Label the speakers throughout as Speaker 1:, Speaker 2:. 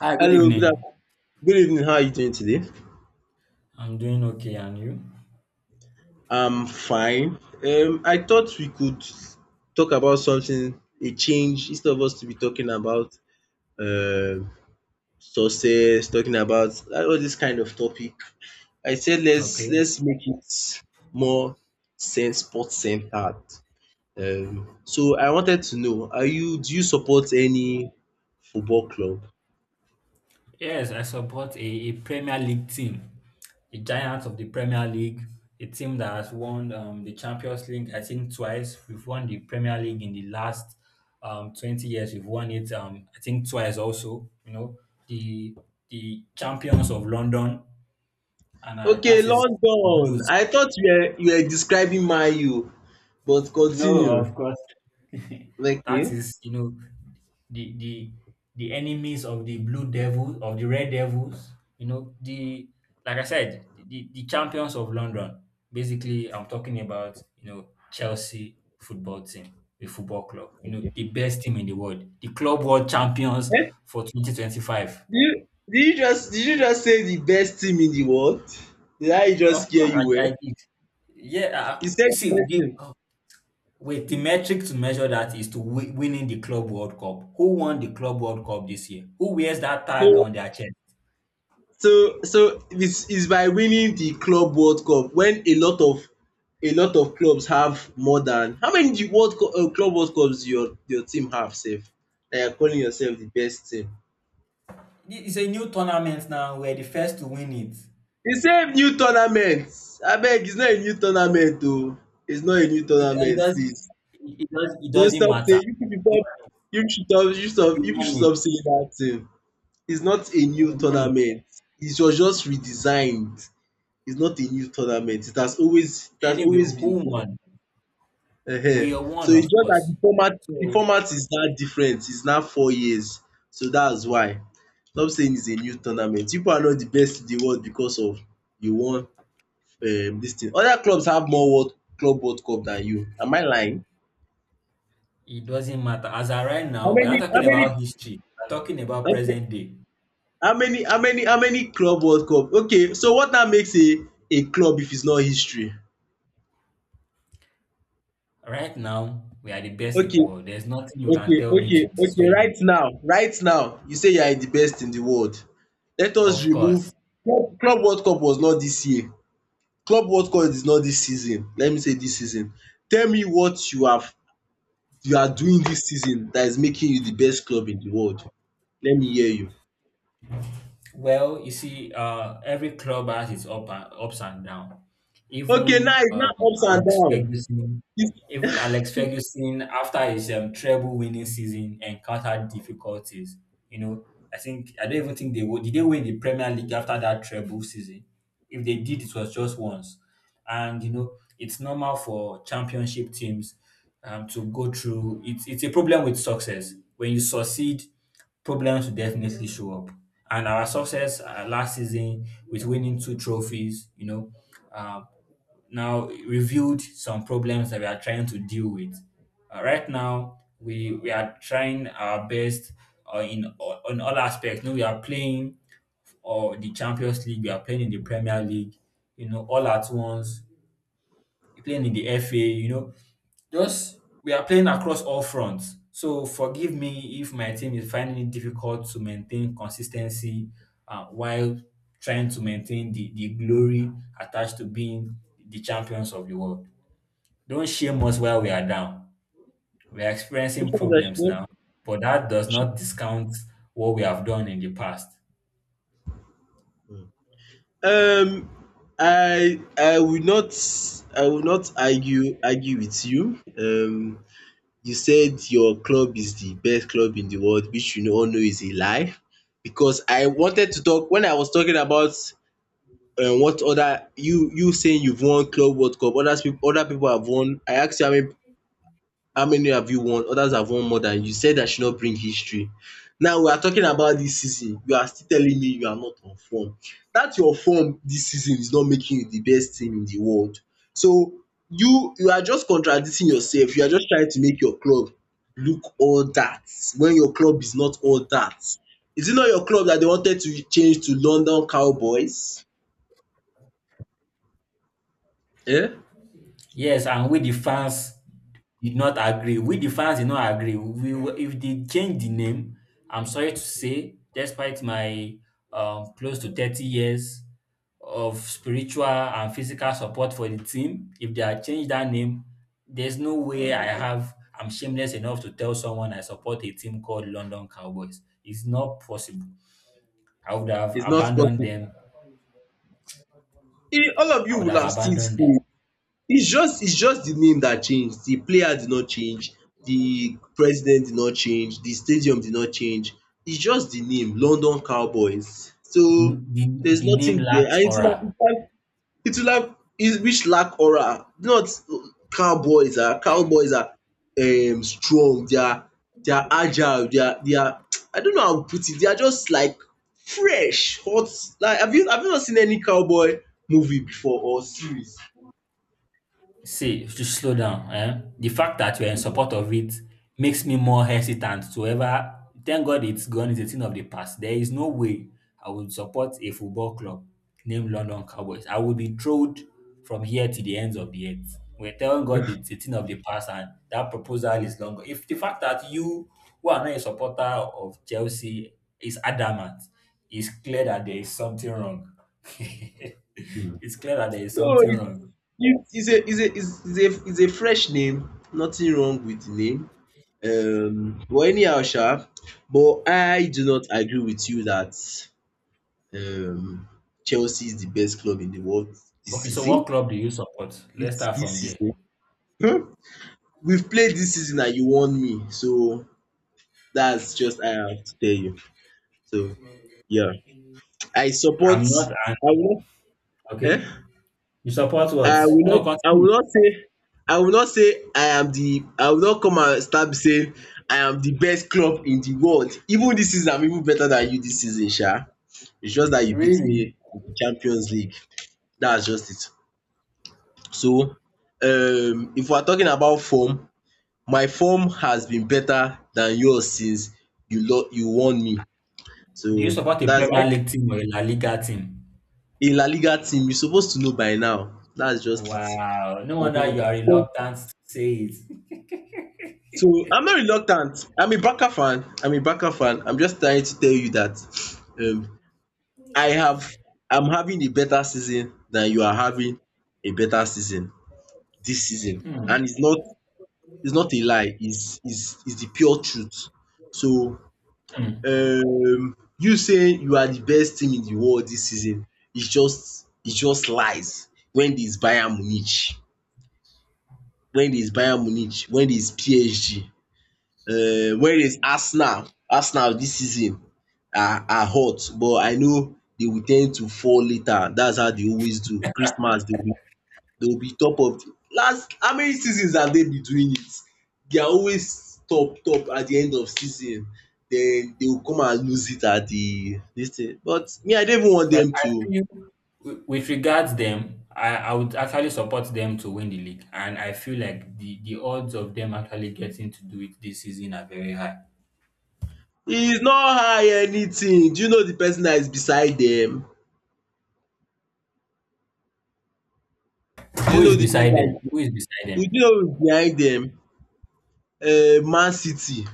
Speaker 1: Hi, good
Speaker 2: Hello,
Speaker 1: evening.
Speaker 2: good evening. How are you doing today?
Speaker 1: I'm doing okay, and you?
Speaker 2: I'm fine. I thought we could talk about something, a change, instead of us to be talking about um success, talking about all this kind of topic. I said let's
Speaker 1: Okay.
Speaker 2: let's make it more sense sport centered. So I wanted to know, are you do you support any football club?
Speaker 1: Yes, I support a Premier League team, a giant of the Premier League, a team that has won the Champions League, I think, twice. We've won the Premier League in the last 20 years. We've won it, I think, twice also. You know, the the champions of London, and
Speaker 2: Okay,
Speaker 1: that is
Speaker 2: London.
Speaker 1: Blues.
Speaker 2: I thought you were describing Man U, but
Speaker 1: No, of
Speaker 2: continue.
Speaker 1: course. That
Speaker 2: Okay.
Speaker 1: is, you know, the the the enemies of the blue devil of the red devils. You know, the like I said, the champions of London. Basically, I'm talking about you know Chelsea football team, a football club. You know, the best team in the world, the club world champions
Speaker 2: Eh,
Speaker 1: for 2025.
Speaker 2: did you just say the best team in the world? Did I
Speaker 1: Of
Speaker 2: just hear
Speaker 1: course,
Speaker 2: you
Speaker 1: I
Speaker 2: well?
Speaker 1: did. Yeah,
Speaker 2: You said
Speaker 1: uh, see,
Speaker 2: the best
Speaker 1: the,
Speaker 2: team.
Speaker 1: wait, the metric to measure that is to winning the Club World Cup. Who won the Club World Cup this year? Who wears that tag
Speaker 2: So
Speaker 1: on their chest?
Speaker 2: so it's by winning the Club World Cup when a lot of clubs have more than how many the World Cup, Club World Cups your team have safe that you're calling yourself the best team.
Speaker 1: It's a new tournament now. We're the first to win it.
Speaker 2: The same new tournament. I beg it's not a new tournament though. It's not a new
Speaker 1: It
Speaker 2: tournament,
Speaker 1: does.
Speaker 2: please.
Speaker 1: It does. It
Speaker 2: No,
Speaker 1: doesn't
Speaker 2: stop
Speaker 1: matter.
Speaker 2: saying you should stop you should stop you should
Speaker 1: We
Speaker 2: stop you should
Speaker 1: won it.
Speaker 2: stop saying that thing. It's not a
Speaker 1: We
Speaker 2: new
Speaker 1: won it.
Speaker 2: tournament. It was just redesigned. It's not a new tournament. It has
Speaker 1: Anyway,
Speaker 2: always been
Speaker 1: who
Speaker 2: there.
Speaker 1: won? We
Speaker 2: Ehen.
Speaker 1: are
Speaker 2: So
Speaker 1: one,
Speaker 2: it's
Speaker 1: of
Speaker 2: just that
Speaker 1: course.
Speaker 2: the
Speaker 1: So
Speaker 2: format is now different. It's now 4 years. So that's why. Stop saying it's a new tournament. People are not the best in the world because of you won this thing. Other clubs have more world club world cup than you. Am I lying?
Speaker 1: it doesn't matter. As of right now, we're not
Speaker 2: How
Speaker 1: talking
Speaker 2: many
Speaker 1: about history. We're talking about
Speaker 2: Okay.
Speaker 1: present day.
Speaker 2: How many club world cup? Okay, so what now makes a club if it's not history?
Speaker 1: Right now, we are the best in the
Speaker 2: Okay,
Speaker 1: world. There's nothing you can
Speaker 2: okay,
Speaker 1: tell me
Speaker 2: okay,
Speaker 1: to
Speaker 2: okay.
Speaker 1: dissuade me.
Speaker 2: Right now, you say you are the best in the world. Let us
Speaker 1: Of course.
Speaker 2: remove club world cup was not this year. Club world cup is not this season. Let me say this season. Tell me what you are doing this season that is making you the best club in the world. Let me hear you.
Speaker 1: Well, you see, every club has its ups and downs.
Speaker 2: Okay, now
Speaker 1: Even
Speaker 2: it's now ups and
Speaker 1: Alex
Speaker 2: down.
Speaker 1: Ferguson
Speaker 2: This
Speaker 1: Alex Ferguson, after his treble winning season, encountered difficulties. You know, I think I don't even think they would. Did they win the Premier League after that treble season? If they did, it was just once. And you know, it's normal for championship teams to go through. It's a problem with success. When you succeed, problems will definitely show up. And our success last season with winning two trophies, you know, um, now reviewed some problems that we are trying to deal with. Right now, we are trying our best in on all aspects. You know, we are playing or the Champions League, we are playing in the Premier League. You know, all at once. We're playing in the FA, you know. Just we are playing across all fronts. So forgive me if my team is finding it difficult to maintain consistency while trying to maintain the glory attached to being the champions of the world. Don't shame us while we are down. We are
Speaker 2: Which
Speaker 1: experiencing
Speaker 2: one is
Speaker 1: problems
Speaker 2: that?
Speaker 1: now, but that does not discount what we have done in the past.
Speaker 2: Um, I will not, argue with you. You said your club is the best club in the world, which you all know is a lie. Because I wanted to talk when I was talking about what other you saying you've won Club World Cup. Other people have won. I asked you how many have you won. Others have won more than you. Said I should not bring history. Now we are talking about this season. You are still telling me you are not on form, that your form this season is not making you the best team in the world. So you are just contradicting yourself. You are just trying to make your club look all that when your club is not all that. Is it not your club that they wanted to change to London Cowboys? Eh?
Speaker 1: Yes, and we the fans did not agree. We the fans did not agree. We were, if they change the name, I'm sorry to say, despite my close to 30 years of spiritual and physical support for the team, if they had changed that name, there's no way I'm shameless enough to tell someone I support a team called London Cowboys. It's not possible. I would have
Speaker 2: It's not
Speaker 1: abandoned
Speaker 2: possible.
Speaker 1: them.
Speaker 2: Eh, all of
Speaker 1: I
Speaker 2: you
Speaker 1: would
Speaker 2: will
Speaker 1: have
Speaker 2: have still
Speaker 1: abandoned them.
Speaker 2: stayed. It's just the name that changed. The player did not change, the president did not change, the stadium did not change. It's just the name, London Cowboys. So there's
Speaker 1: The name
Speaker 2: nothing there,
Speaker 1: lacks
Speaker 2: and
Speaker 1: aura.
Speaker 2: it will have it, which lack aura. Not. Cowboys are strong, they are, agile, they are I don't know how to put it. They are just like fresh, hot. Like have you not seen any cowboy movie before or series?
Speaker 1: See, just slow down. Eh? The fact that you're in support of it makes me more hesitant to ever. Thank God it's gone. It's a thing of the past. There is no way I would support a football club named London Cowboys. I would be trolled from here to the ends of the earth. We're telling God it's a thing of the past and that proposal is longer. If the fact that you, who are not a supporter of Chelsea, is adamant, it's clear that there is something wrong.
Speaker 2: Hmm.
Speaker 1: It's clear that there is
Speaker 2: No.
Speaker 1: something wrong.
Speaker 2: You is a it's is a it's a fresh name, nothing wrong with the name. But anyhow sha, but I do not agree with you that um Chelsea is the best club in the world this
Speaker 1: Okay, so what
Speaker 2: season.
Speaker 1: club do you support? Let's
Speaker 2: This
Speaker 1: start from
Speaker 2: Dis
Speaker 1: there.
Speaker 2: season. um We've played this season and you won me, so that's just, I have to tell you. So yeah, I support
Speaker 1: I'm not an
Speaker 2: I will
Speaker 1: Okay.
Speaker 2: not um
Speaker 1: You support what? No,
Speaker 2: I will
Speaker 1: continue.
Speaker 2: not say, I am the I will not come and start saying I am the best club in the world. Even dis season I'm even better than you dis season sha. It's just dat you beat me in the Champions League. Dats just it. So if we are talking about form, my form has been better than yours since you warn me.
Speaker 1: Do you
Speaker 2: So
Speaker 1: support a
Speaker 2: dats
Speaker 1: Premier League team or a La Liga team?
Speaker 2: in La Liga team you suppose to know by now. Dats just it.
Speaker 1: Wow, no wonder you are
Speaker 2: um
Speaker 1: reluctant to say it.
Speaker 2: So I'm not reluctant. I'm a Barca fan. I'm a Barca fan. I'm just trying to tell you that I have I'm having a better season than you are having, a better season this season,
Speaker 1: Hmm.
Speaker 2: and it's not a lie. It's, it's the pure truth. So
Speaker 1: Hmm.
Speaker 2: you saying you are the best team in the world this season is just it's just lies. When there's Bayern Munich, when there's PSG, whereas Arsenal, dis season are, hot, but I know they will ten d to fall later. That's how they always do. Christmas they will be top of the last. How many seasons have they been doing it? They are always top at the end of season, then they will come and lose it at the dis thing, but me I don't even want
Speaker 1: Well,
Speaker 2: them
Speaker 1: I
Speaker 2: to.
Speaker 1: feel with regards them, I would actually support them to win the league, and I feel like the odds of them actually getting to do it this season are very high.
Speaker 2: E no high anything. Do you know the person that is beside them? Do you
Speaker 1: Who
Speaker 2: know
Speaker 1: is
Speaker 2: the
Speaker 1: beside them?
Speaker 2: people that
Speaker 1: Who
Speaker 2: is
Speaker 1: is beside them?
Speaker 2: be- do you know who is behind them? Man City.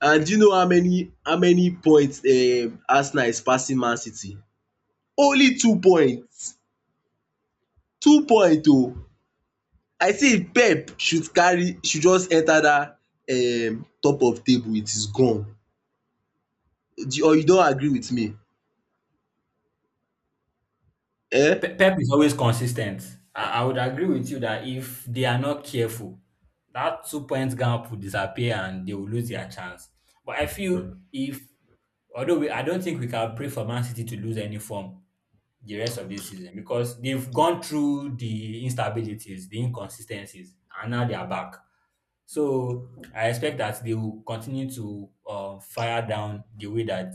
Speaker 2: And do you know how many points Arsenal is passing Man City? Only 2 points. Two point oh. I say if Pep should carry should just enter dat top of table, it is gone. Or you don agree with me? um?
Speaker 1: Pep is always consistent. I would agree with you that if they are not careful, that 2-point gap will disappear and they will lose their chance. But I feel if, although we, I don't think we can pray for Man City to lose any form the rest of this season because they've gone through the instabilities, the inconsistencies, and now they are back. So I expect that they will continue to fire down the way that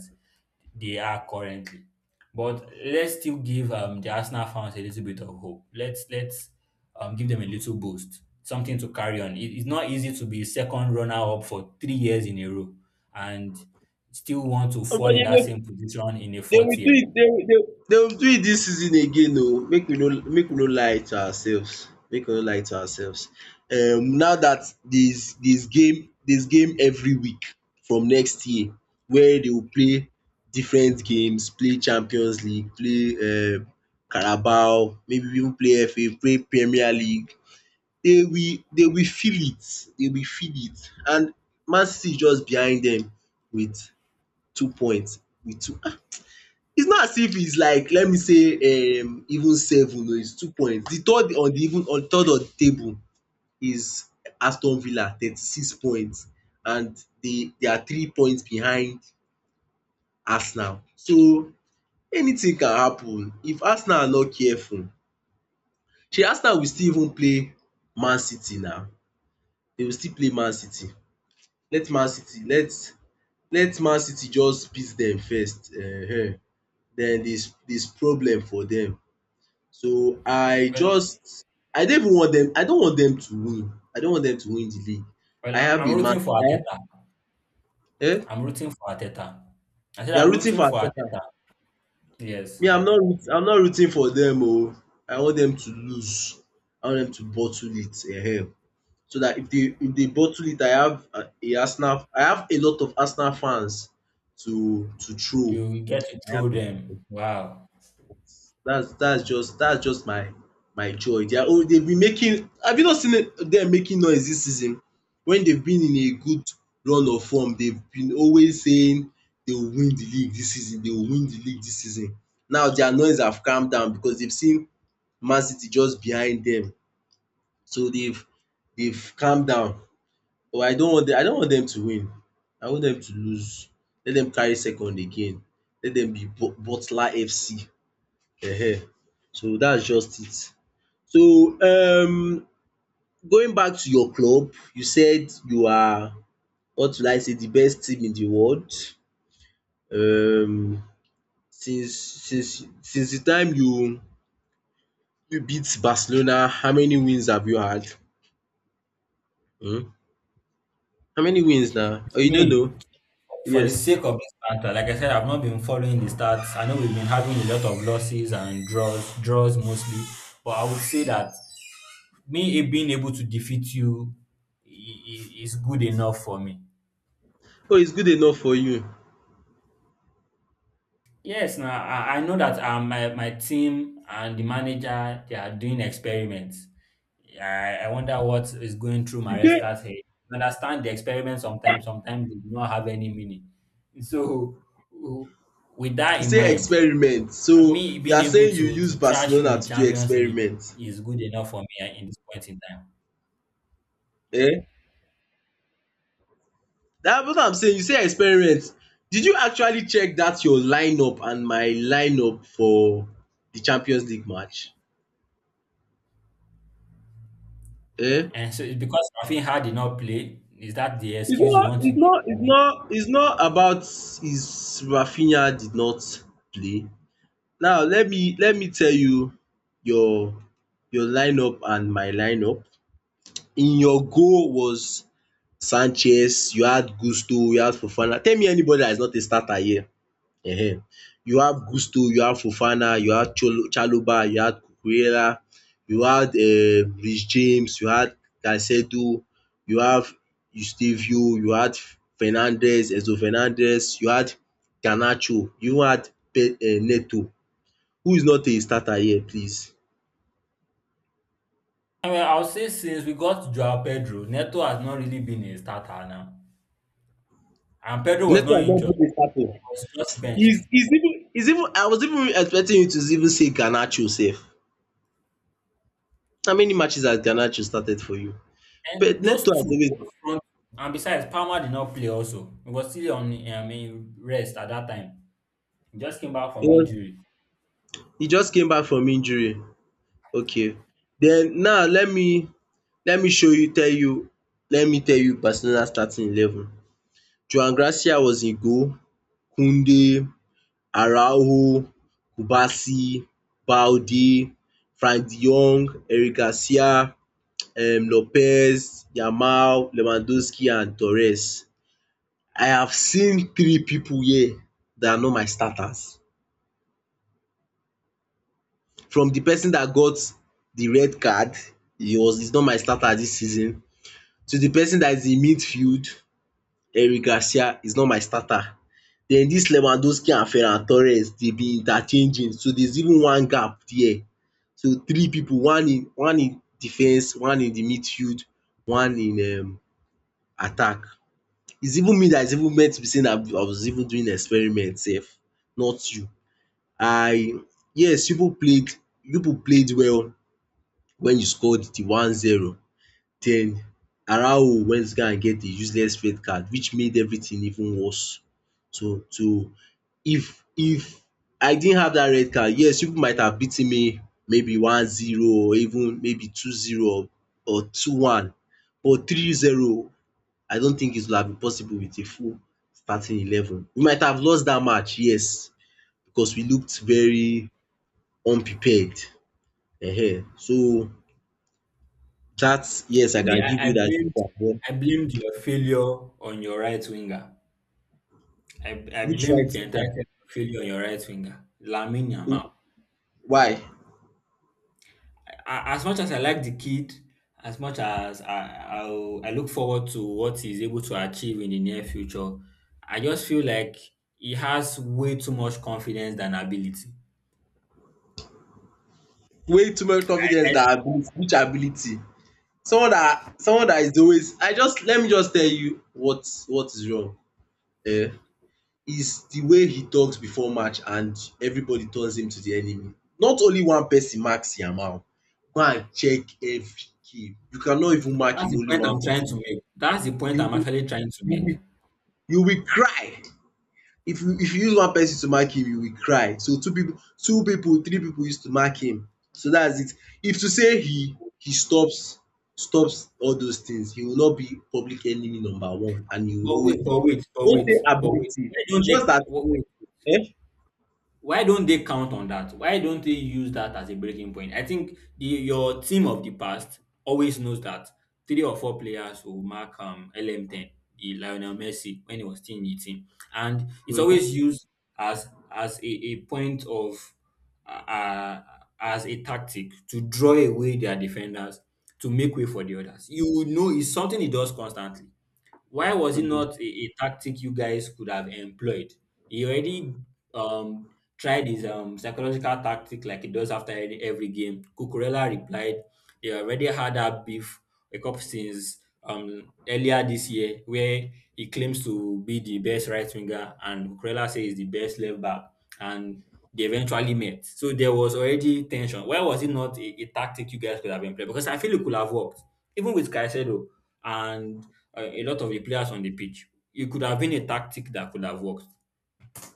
Speaker 1: they are currently. But let's still give the Arsenal fans a little bit of hope. Let's give them a little boost, something to carry on. It's not easy to be second runner up for 3 years in a row and still want to fall in
Speaker 2: Somebody
Speaker 1: that
Speaker 2: go.
Speaker 1: same position in a
Speaker 2: Dey
Speaker 1: fourth
Speaker 2: will do
Speaker 1: year.
Speaker 2: it, dey will dey Dey will do it dis season again oh. Make we no lie to ourselves, make we no lie to ourselves. Now dat there's game every week from next year, where dey will play different games, play Champions League, play Carabao, maybe even play FA, play Premier League. Dey will feel it, and Man City is just behind dem with 2 points, with two It's not as if, it's like, let me say even seven o, it's 2 points. The third on the even On third on the table is Aston Villa 36 points, and they are 3 points behind Arsenal. So anything can happen. If Arsenal are not careful, shey Arsenal will still even play Man City na. They will still play Man City. Let Man City let Let Man City just beat dem first, then there is problem for dem. So I
Speaker 1: Well,
Speaker 2: just, I don't even want them. I don't want them to win. I don't want them to win the league.
Speaker 1: well,
Speaker 2: I
Speaker 1: I'm,
Speaker 2: have
Speaker 1: I'm
Speaker 2: a man
Speaker 1: rooting for
Speaker 2: I
Speaker 1: Ateta.
Speaker 2: um
Speaker 1: I'm rooting for Ateta. I said
Speaker 2: you are
Speaker 1: I'm
Speaker 2: rooting
Speaker 1: rooting
Speaker 2: for
Speaker 1: for
Speaker 2: Arteta.
Speaker 1: Ateta. Yes,
Speaker 2: Me, I'm not rooting for them. Oh! I want them to lose. I want them to bottle it. Eh? So that if they bottle it, I have a Arsenal. I have a lot of Arsenal fans to throw.
Speaker 1: you get to
Speaker 2: I
Speaker 1: throw
Speaker 2: have a lot of
Speaker 1: them. Wow.
Speaker 2: That's, that's just my, joy. They are all, they've been making have you not seen dem making noise dis season? Wen they've been in a good run of form, they've been always saying they will win the league dis season, they will win the league dis season. Now their noise have calm down because they've seen Man City just behind dem. So they've calm down, but I don't want them, I don't want dem to win. I want dem to lose. Let dem carry second again. Let dem be Butler FC. Ehen, so that's just it. So going back to your club, you said you are, what will I say, the best team in the world. um since the time you beat Barcelona, how many wins have you had? um How many wins now? Oh,
Speaker 1: To
Speaker 2: you don't
Speaker 1: me.
Speaker 2: know?
Speaker 1: For the
Speaker 2: Yes.
Speaker 1: sake of this starter, like I said, I've not been following the stats. I know we've been having a lot of losses and draws, draws mostly. But I would say that me being able to defeat you is good enough for me.
Speaker 2: Oh, it's good enough for you.
Speaker 1: Yes, now I know that my team and the manager they are doing experiments. I wonder what is going through
Speaker 2: You say
Speaker 1: Maresca's head. You understand the experiment sometimes, sometimes they do not have any meaning. So w- with that
Speaker 2: You
Speaker 1: in
Speaker 2: say
Speaker 1: mind,
Speaker 2: experiment, so
Speaker 1: me
Speaker 2: you
Speaker 1: being
Speaker 2: are
Speaker 1: able
Speaker 2: saying you
Speaker 1: to
Speaker 2: use
Speaker 1: trash you in
Speaker 2: Barcelona
Speaker 1: the
Speaker 2: to do
Speaker 1: Champions League
Speaker 2: experiment?
Speaker 1: is good enough for me in this point in time.
Speaker 2: Eh? That's what I'm saying, you say experiment. Did you actually check that your lineup and my lineup for the Champions League match? Eh?
Speaker 1: And so it's because Rafinha did not play. Is that the excuse you want to give me?
Speaker 2: It's not about, is Rafinha did not play. Now let me tell you your your lineup and my lineup. In your goal was Sanchez, you had Gusto, you had Fofana. Tell me anybody that is not a starter here. um you have Gusto, you have Fofana, you had Cholo Chalobah, you had Cucurella, you had Reece James, you had Caicedo, you have Eustevio, you had Fernandez, Enzo Fernandez, you had Garnacho, you even had Pe Neto, who is not a starter here, please.
Speaker 1: I mean, I'll say since we got Joao Pedro, Neto has not really been a starter now. And Pedro was
Speaker 2: Neto
Speaker 1: not
Speaker 2: has
Speaker 1: injured.
Speaker 2: not been a
Speaker 1: He
Speaker 2: starter.
Speaker 1: was just
Speaker 2: He's
Speaker 1: benched.
Speaker 2: he's even he's even I was even expecting you to even say Garnacho sef. How many matches has Garnacho started for you? But
Speaker 1: And those
Speaker 2: Neto has
Speaker 1: two,
Speaker 2: always
Speaker 1: those front, and besides, Palmer did not play also. He was still on I mean, rest at that time. He just came back
Speaker 2: he
Speaker 1: from
Speaker 2: was
Speaker 1: injury.
Speaker 2: he just came back from injury, okay. Then now let me show you tell you let me tell you Barcelona starting eleven. Joao Garcia was in goal, Koundé, Araujo, Kubasi, Balde, Frank de Jong, Eric Garcia, Lopez, Yamal, Lewandowski and Torres. I have seen three pipu here that are not my starters. From the person that got the red card, he's not my starter this season, to the person that is in midfield, Eric Garcia is not my starter. Then this Lewandowski and Ferran Torres dey be interchanging, so there's even one gap there. So three pipu, one in defence, one in the midfield, one in attack. It's even me that is even meant to be saying that I was even doing experiment sef, not you. I Yes, pipu played, pipu played well wen you score di 1-0, den Arao went to go and get a useless red card which made everything even worse. So if I didn't have dat red card, yes, you pipu might have beaten me, maybe 1-0 or even maybe 2-0 or 2-1, but 3-0 I don't think it would have been possible wit a full starting eleven. We might have lost dat match, yes, because we looked very unprepared. um so That, yes,
Speaker 1: To
Speaker 2: I
Speaker 1: me,
Speaker 2: can give you that one. Then
Speaker 1: I blamed your failure on your right winger. I
Speaker 2: which
Speaker 1: blame
Speaker 2: right?
Speaker 1: the
Speaker 2: Yeah.
Speaker 1: entire of failure on your right winger, Lamine
Speaker 2: Wh-
Speaker 1: Yamal.
Speaker 2: Why?
Speaker 1: As much as I like the kid, as much as I look forward to what he's able to achieve in the near future, I just feel like he has way too much confidence than ability.
Speaker 2: Way too much confidence
Speaker 1: Yes,
Speaker 2: that ability, which ability? Someone that is always... I just let me just tell you what is wrong. Eh? Is the way he talks before match and everybody turns him to the enemy. Not only one person marks Yamal. Go and check every key. You cannot even mark
Speaker 1: that's
Speaker 2: him
Speaker 1: the
Speaker 2: only
Speaker 1: point I'm
Speaker 2: one
Speaker 1: trying to
Speaker 2: person.
Speaker 1: make. That's the point
Speaker 2: You
Speaker 1: I'm
Speaker 2: will
Speaker 1: actually trying to
Speaker 2: you
Speaker 1: make.
Speaker 2: will you will cry. If you use one person to mark him, you will cry. So two pipu, two pipu, three pipu use to mark him. So dats it. If to say he stops all those things, he will not be public enemy number 1, and he will
Speaker 1: But
Speaker 2: always
Speaker 1: wait, but
Speaker 2: be
Speaker 1: wait, but
Speaker 2: no say
Speaker 1: wait, but wait.
Speaker 2: ability,
Speaker 1: Why don't they
Speaker 2: just dat.
Speaker 1: wait? Why don't they count on that? Why don't they use that as a breaking point? I think your team of the past always knows that three or four players will mark LM10, the Lionel Messi, when he was still in the team. And it's
Speaker 2: um
Speaker 1: always used as a point of, uh, uh, as a tactic to draw away their defenders to make way for the others. You will know it's something he does constantly. Why was it not a tactic you guys could have employed? He already um, tried his psychological tactic like he does after every game. Cucurella replied, they already had that beef a couple since earlier this year where he claims to be the best right winger and Cucurella says he's the best left back and they eventually met. So there was already tension. Why was it not a tactic you guys could have employed? Because I feel it could have worked. Even with Caicedo, and a lot of the players on the pitch. It could have been a tactic that could have worked.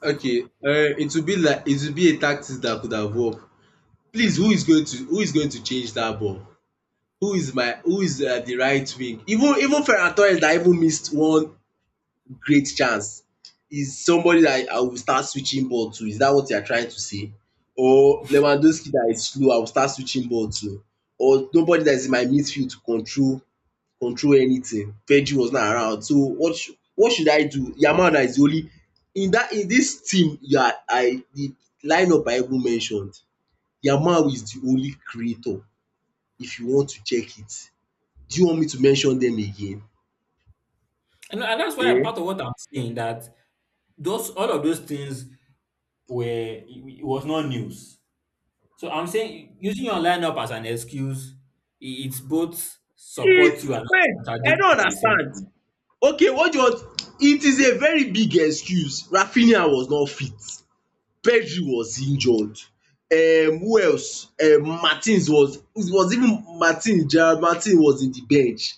Speaker 2: Okay, it will be like it will be a tactics dat could have worked. Please, who is going to change dat ball? Who is my who is the right wing? Even Ferran Torres dat even missed one great chance is somebody that I will start switching ball to. Is that what you are trying to say? Or Lewandowski that is slow, I will start switching ball to. Or nobody that is in my midfield to control anything. Virgil was not around. So what should I do? Yamal that is the only in this team you are, I the lineup I even mentioned, Yamal is the only creator if you want to check it. Do you want me to mention them again?
Speaker 1: And That's why
Speaker 2: um
Speaker 1: part of what I'm saying that those all of those things were it was not news. So I'm saying using your lineup as an excuse, it's both support you and
Speaker 2: Wait, I
Speaker 1: contradict you
Speaker 2: don't
Speaker 1: at the same
Speaker 2: understand.
Speaker 1: time.
Speaker 2: Okay, what do you want? It is a very big excuse. Rafinha was not fit. Pedri was injured. Who else? Martins was it was even Martin Gerald Martin was in the bench.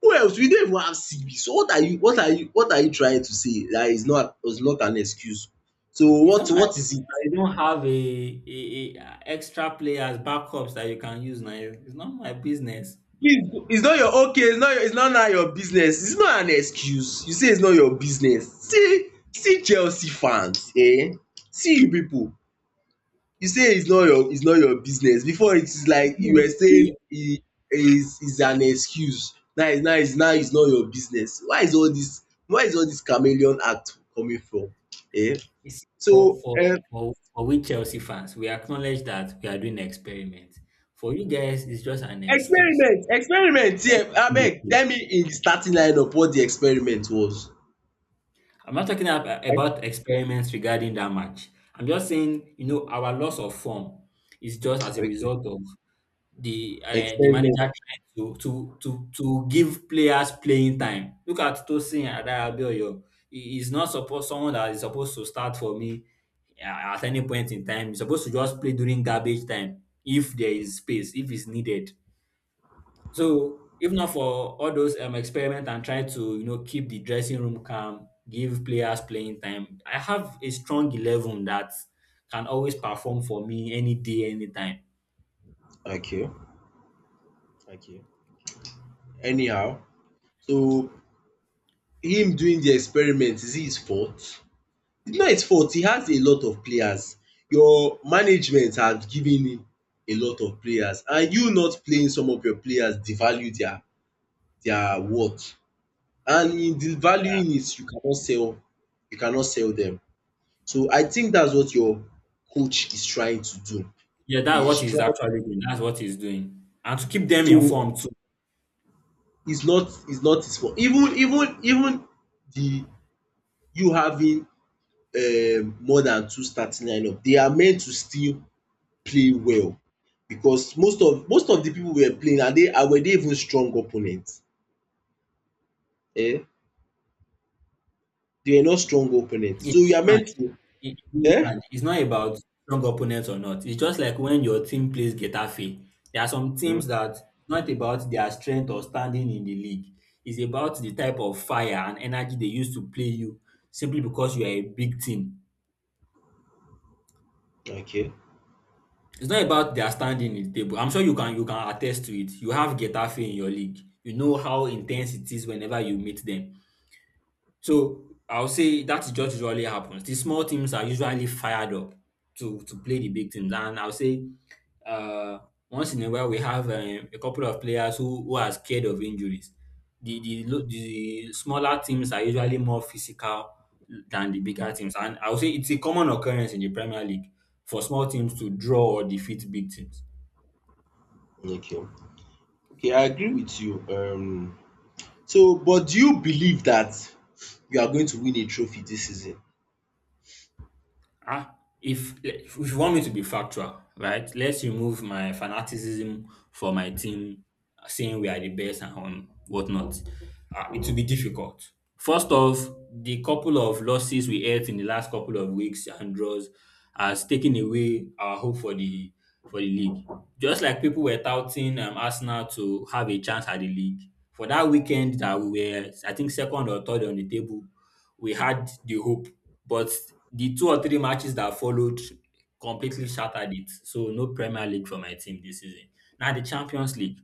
Speaker 2: Who else? We don't even have CB. So what are you trying to say? That is not was not an excuse. So
Speaker 1: It's not my
Speaker 2: what is
Speaker 1: fault
Speaker 2: it?
Speaker 1: that you don't have a extra players backups that you can use now. It's not my business.
Speaker 2: Please, it's not your okay. It's not now your business. It's not an excuse. You say it's not your business. See, see Chelsea fans, eh? See you people. You say it's not your business before, it is like you were saying
Speaker 1: We
Speaker 2: it is an excuse, now it's now it's now it's not your business. Why is all this, chameleon act coming from? Eh?
Speaker 1: You see,
Speaker 2: so um
Speaker 1: for we Chelsea fans, we acknowledge that we are doing an experiment. For you guys, it's just an excuse.
Speaker 2: Experiment here, abeg
Speaker 1: I'm
Speaker 2: tell me in the starting line up what the experiment was.
Speaker 1: not talking about experiments regarding that match. I'm just saying, you know, our loss of form is just as a
Speaker 2: Okay.
Speaker 1: result of the manager
Speaker 2: experiment
Speaker 1: trying to give players playing time. Look at Tosin Adebayor. He is not supposed someone that is supposed to start for me uh, at any point in time. He's supposed to just play during garbage time if there is space, if it's needed. So if not for all those experiment and try to keep the dressing room calm, give players playing time, I have a strong 11 that can always perform for me any day, anytime.
Speaker 2: Okay, okay, anyhow. So him doing the experiment, is it his fault? It's not his fault. He has a lot of players. Your management have given him a lot of players, and you not playing some of your players devalue their worth, and in devaluing it, you cannot sell, you cannot sell them. So I think that's what your coach is trying to do.
Speaker 1: Yeah, that's
Speaker 2: He is
Speaker 1: what he's
Speaker 2: trying,
Speaker 1: actually doing. That's what he's doing. And to keep them
Speaker 2: so
Speaker 1: informed too.
Speaker 2: it's not his fault. Even the you having more than two starting lineup, they are meant to still play well, because most of the people we were playing, and they, and were they even strong opponents? Eh? They were not strong opponents.
Speaker 1: In
Speaker 2: So you are
Speaker 1: England,
Speaker 2: meant to...
Speaker 1: in
Speaker 2: eh?
Speaker 1: England, it's not about strong opponents or not. It's just like when your team plays Getafe. There are some
Speaker 2: Mm,
Speaker 1: teams that not about their strength or standing in the league. It's about the type of fire and energy they use to play you simply because you are a big team.
Speaker 2: okay,
Speaker 1: It's not about their standing in the table. I'm sure you can attest to it. You have Getafe in your league. You know how intense it is whenever you meet them. So I'll say that is just usually happens. The small teams are usually fired up to play the big teams, and I'll say uh, once in a while we have a couple of players who are scared of injuries. The smaller teams are usually more physical than the bigger teams, and I would say it's a common occurrence in the Premier League for small teams to draw or defeat big teams.
Speaker 2: okay. Okay, I agree with you. Um, so but do you believe that you are going to win a trophy this season?
Speaker 1: Ah, if you want me to be factual, right? Let's remove my fanaticism for my team, saying we are the best and whatnot. It will be difficult. First off, the couple of losses we had in the last couple of weeks and draws has taken away our hope for the league. Just like people were touting Arsenal to have a chance at the league for that weekend that we were, I think, second or third on the table we had the hope, but the two or three matches that followed completely shattered it. So no Premier League for my team this season. Now the Champions League,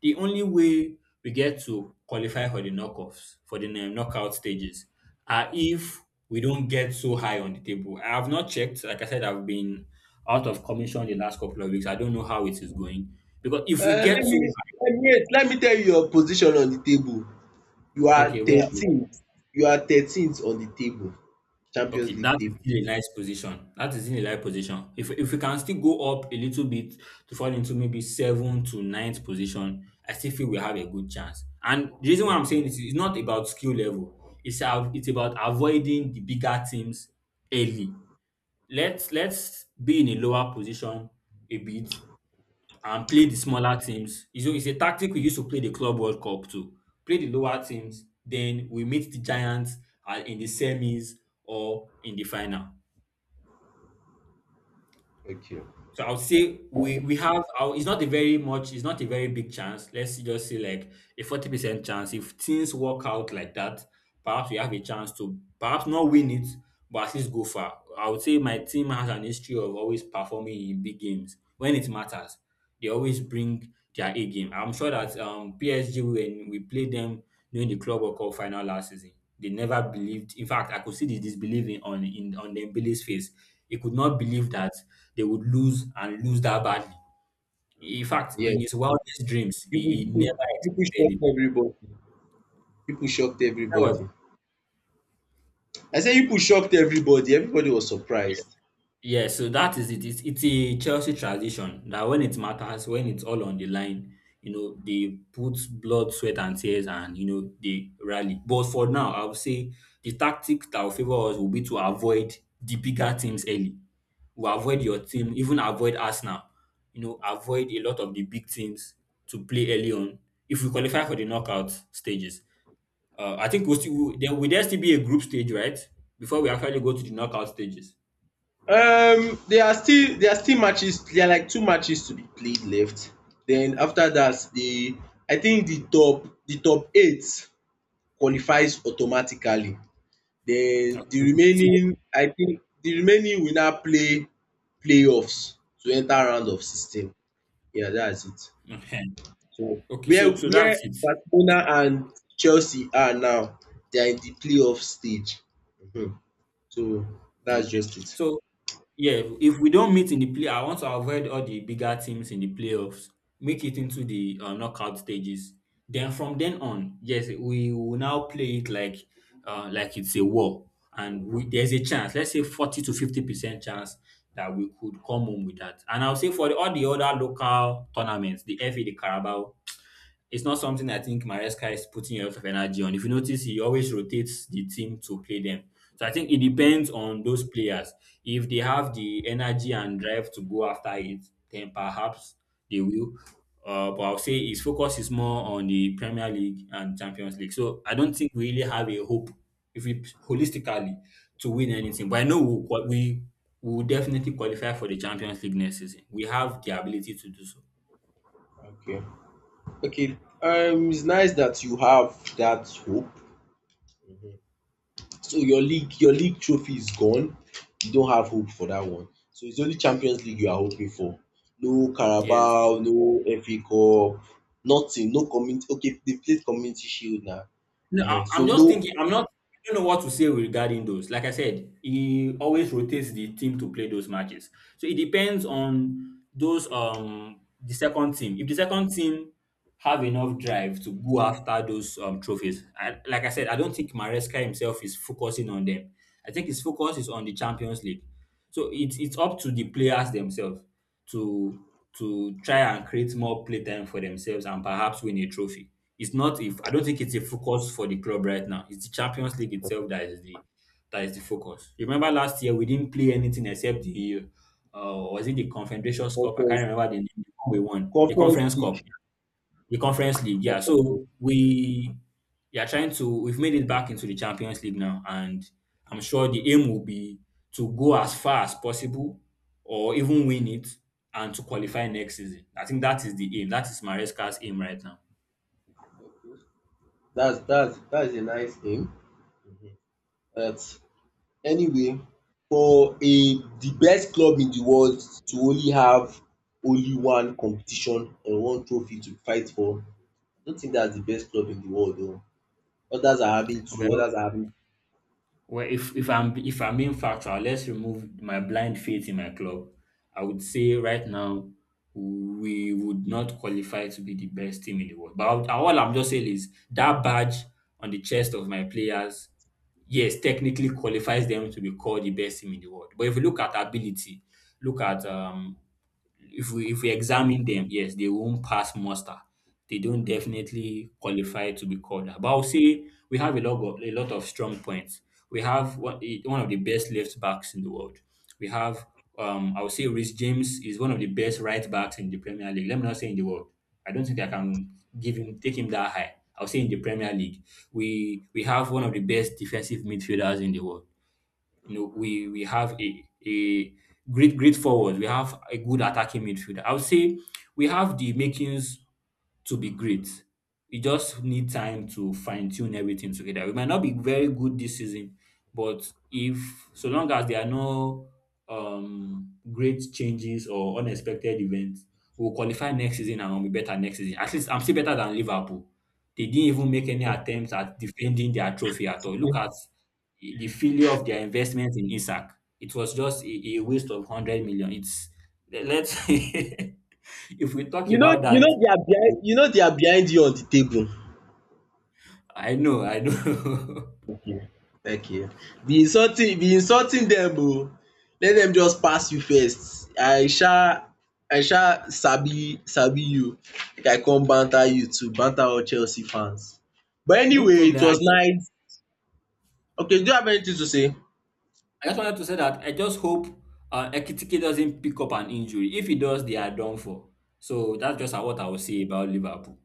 Speaker 1: the only way we get to qualify for the knockoffs for the knockout stages are if we don't get so high on the table. I have not checked. Like I said, I've been out of commission the last couple of weeks. I don't know how it is going because if we
Speaker 2: Uh,
Speaker 1: get
Speaker 2: let
Speaker 1: so
Speaker 2: me
Speaker 1: high,
Speaker 2: let me wait, let me tell you your position on the table. You are
Speaker 1: okay, where are we?
Speaker 2: 13th. You are 13th on the table, Champions
Speaker 1: Okay, that
Speaker 2: League
Speaker 1: is
Speaker 2: table.
Speaker 1: still a nice position. That is in a light position. If we can still go up a little bit to fall into maybe seven to ninth position, I still feel we have a good chance. And the reason why I'm saying this is it's not about skill level. It's about avoiding the bigger teams early. Let's be in a lower position a bit and play the smaller teams. It's a tactic we used to play the Club World Cup too. Play the lower teams, then we meet the Giants in the semis or in the final.
Speaker 2: Okay.
Speaker 1: So I would say we
Speaker 2: Mm.
Speaker 1: we have. It's not a very much. It's not a very big chance. Let's just say like a 40% chance. If things work out like that, perhaps we have a chance to perhaps not win it, but at least go far. I would say my team has an history of always performing in big games when it matters. They always bring their A game. I'm sure that PSG, when we played them during the Club World Cup final last season, they never believed. In fact, I could see the disbelief in on Dembele's face. He could not believe that they would lose and lose that badly. In fact, in
Speaker 2: Yes.
Speaker 1: his wildest dreams,
Speaker 2: You pu you
Speaker 1: he
Speaker 2: pu
Speaker 1: never
Speaker 2: you pu
Speaker 1: expected
Speaker 2: shocked
Speaker 1: it.
Speaker 2: everybody. You pu shocked
Speaker 1: That was
Speaker 2: everybody. I say you pu shocked everybody. Everybody was surprised.
Speaker 1: Yeah, so that is it. It's a Chelsea tradition that when it matters, when it's all on the line, you know, they put blood, sweat, and tears and, you know, they rally. But for now, I would say the tactic that will favor us will be to avoid the bigger teams early. We'll avoid your team, even avoid Arsenal. You know, avoid a lot of the big teams to play early on if we qualify for the knockout stages. I think we'll still, there still be a group stage, right? Before we actually go to the knockout stages.
Speaker 2: There are still matches. There are like two matches to be played left. Then after that, the I think the top 8 qualifies automatically. Then the
Speaker 1: Uh,
Speaker 2: remaining I think the remaining will now play playoffs to enter round of sixteen. Yeah, that's it.
Speaker 1: Mhm.
Speaker 2: So
Speaker 1: Okay,
Speaker 2: where,
Speaker 1: so so that's it.
Speaker 2: Barcelona and Chelsea are now, they are in the playoff stage. Mhm. So
Speaker 1: Okay.
Speaker 2: that's just it.
Speaker 1: So yeah, if we don't meet in the play, I want to avoid all the bigger teams in the playoffs. Make it into the knockout stages. Then from then on, yes, we will now play it like it's a war, there's a chance. Let's say 40 to 50% chance that we could come home with that. And I'll say for the, all the other local tournaments, the FA, the Carabao, it's not something I think Maresca is putting a lot of energy on. If you notice, he always rotates the team to play them. So I think it depends on those players. If they have the energy and drive to go after it, then perhaps they will. But I'll say his focus is more on the Premier League and Champions League. So I don't think we really have a hope, if we holistically, to win anything. But I know we will definitely qualify for the Champions League next season. We have the ability to do so.
Speaker 2: Okay. Okay. It's nice that you have that hope. So your league trophy is gone. You don't have hope for that one. So it's only Champions League you are hoping for. No
Speaker 1: Yes.
Speaker 2: Carabao, no FA Cup, nothing. No community. Okay, they played Community Shield now.
Speaker 1: No,
Speaker 2: Ehen. So
Speaker 1: I'm
Speaker 2: no
Speaker 1: just thinking. I'm not. I don't know what to say regarding those. Like I said, he always rotates the team to play those matches. So it depends on those the second team. If the second team have enough drive to go after those trophies, I, like I said, I don't think Maresca himself is focusing on them. I think his focus is on the Champions League. So it's up to the players themselves to to try and create more playtime for themselves and perhaps win a trophy. It's not if I don't think it's a focus for the club right now. It's the Champions League itself that is the focus. Remember last year we didn't play anything except the was it the Confederations Cup? I can't
Speaker 2: conference,
Speaker 1: remember the name the one we won. The
Speaker 2: conference
Speaker 1: Conference Cup.
Speaker 2: league.
Speaker 1: The Conference League, yeah. So we are trying to we've made it back into the Champions League now, and I'm sure the aim will be to go as far as possible or even win it and to qualify next season. I think that is the aim. That is Maresca's aim right now.
Speaker 2: That's that's a nice aim. But anyway, for a the best club in the world to only have only one competition and one trophy to fight for, I don't think that's the best club in the world. Though others are having two,
Speaker 1: Well,
Speaker 2: others are having...
Speaker 1: Well, if I'm being factual, let's remove my blind faith in my club. I would say right now we would not qualify to be the best team in the world. All I'm just saying is that badge on the chest of my players, yes, technically qualifies them to be called the best team in the world. But if you look at ability, look at if we examine them, yes, they won't pass muster. They don't definitely qualify to be called that. But I'll say we have a lot of strong points. We have one, eh, one of the best left backs in the world. We have I would say Rhys James is one of the best right backs in the Premier League. Let me not say in the world. I don't think I can give him take him that high. I'll say in the Premier League. We have one of the best defensive midfielders in the world. You know, we have a great great forward. We have a good attacking midfielder. I would say we have the makings to be great. You just need time to fine tune everything together. We might not be very good this season, but if so long as there are no great changes or unexpected events, we'll qualify next season and we'll be better next season. At least I'm still better than Liverpool. They didn't even make any attempts at defending their trophy at all. Look
Speaker 2: You
Speaker 1: at the failure of their investment in Isak. It was just a waste of 100 million. It's let's if we talk
Speaker 2: know,
Speaker 1: about
Speaker 2: you
Speaker 1: that,
Speaker 2: know they are behind you know they are behind you on the table.
Speaker 1: I know, I know.
Speaker 2: Thank you. Thank you. Be insulting, dem oo. Let dem just pass you first. I sha sabi you. Make I come banter you too, banter all Chelsea fans. But
Speaker 1: No
Speaker 2: anyway, it
Speaker 1: problem.
Speaker 2: was nice. Okay, do you have anything to say?
Speaker 1: I just wanted to say that I just hope Ekitike doesn't pick up an injury. If he does, they are done for. So that's just what I will say about Liverpool.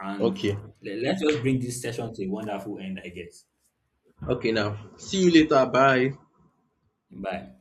Speaker 1: And
Speaker 2: Okay.
Speaker 1: let's just bring this session to a wonderful end, I guess.
Speaker 2: Okay now. See you later. Bye.
Speaker 1: Bye.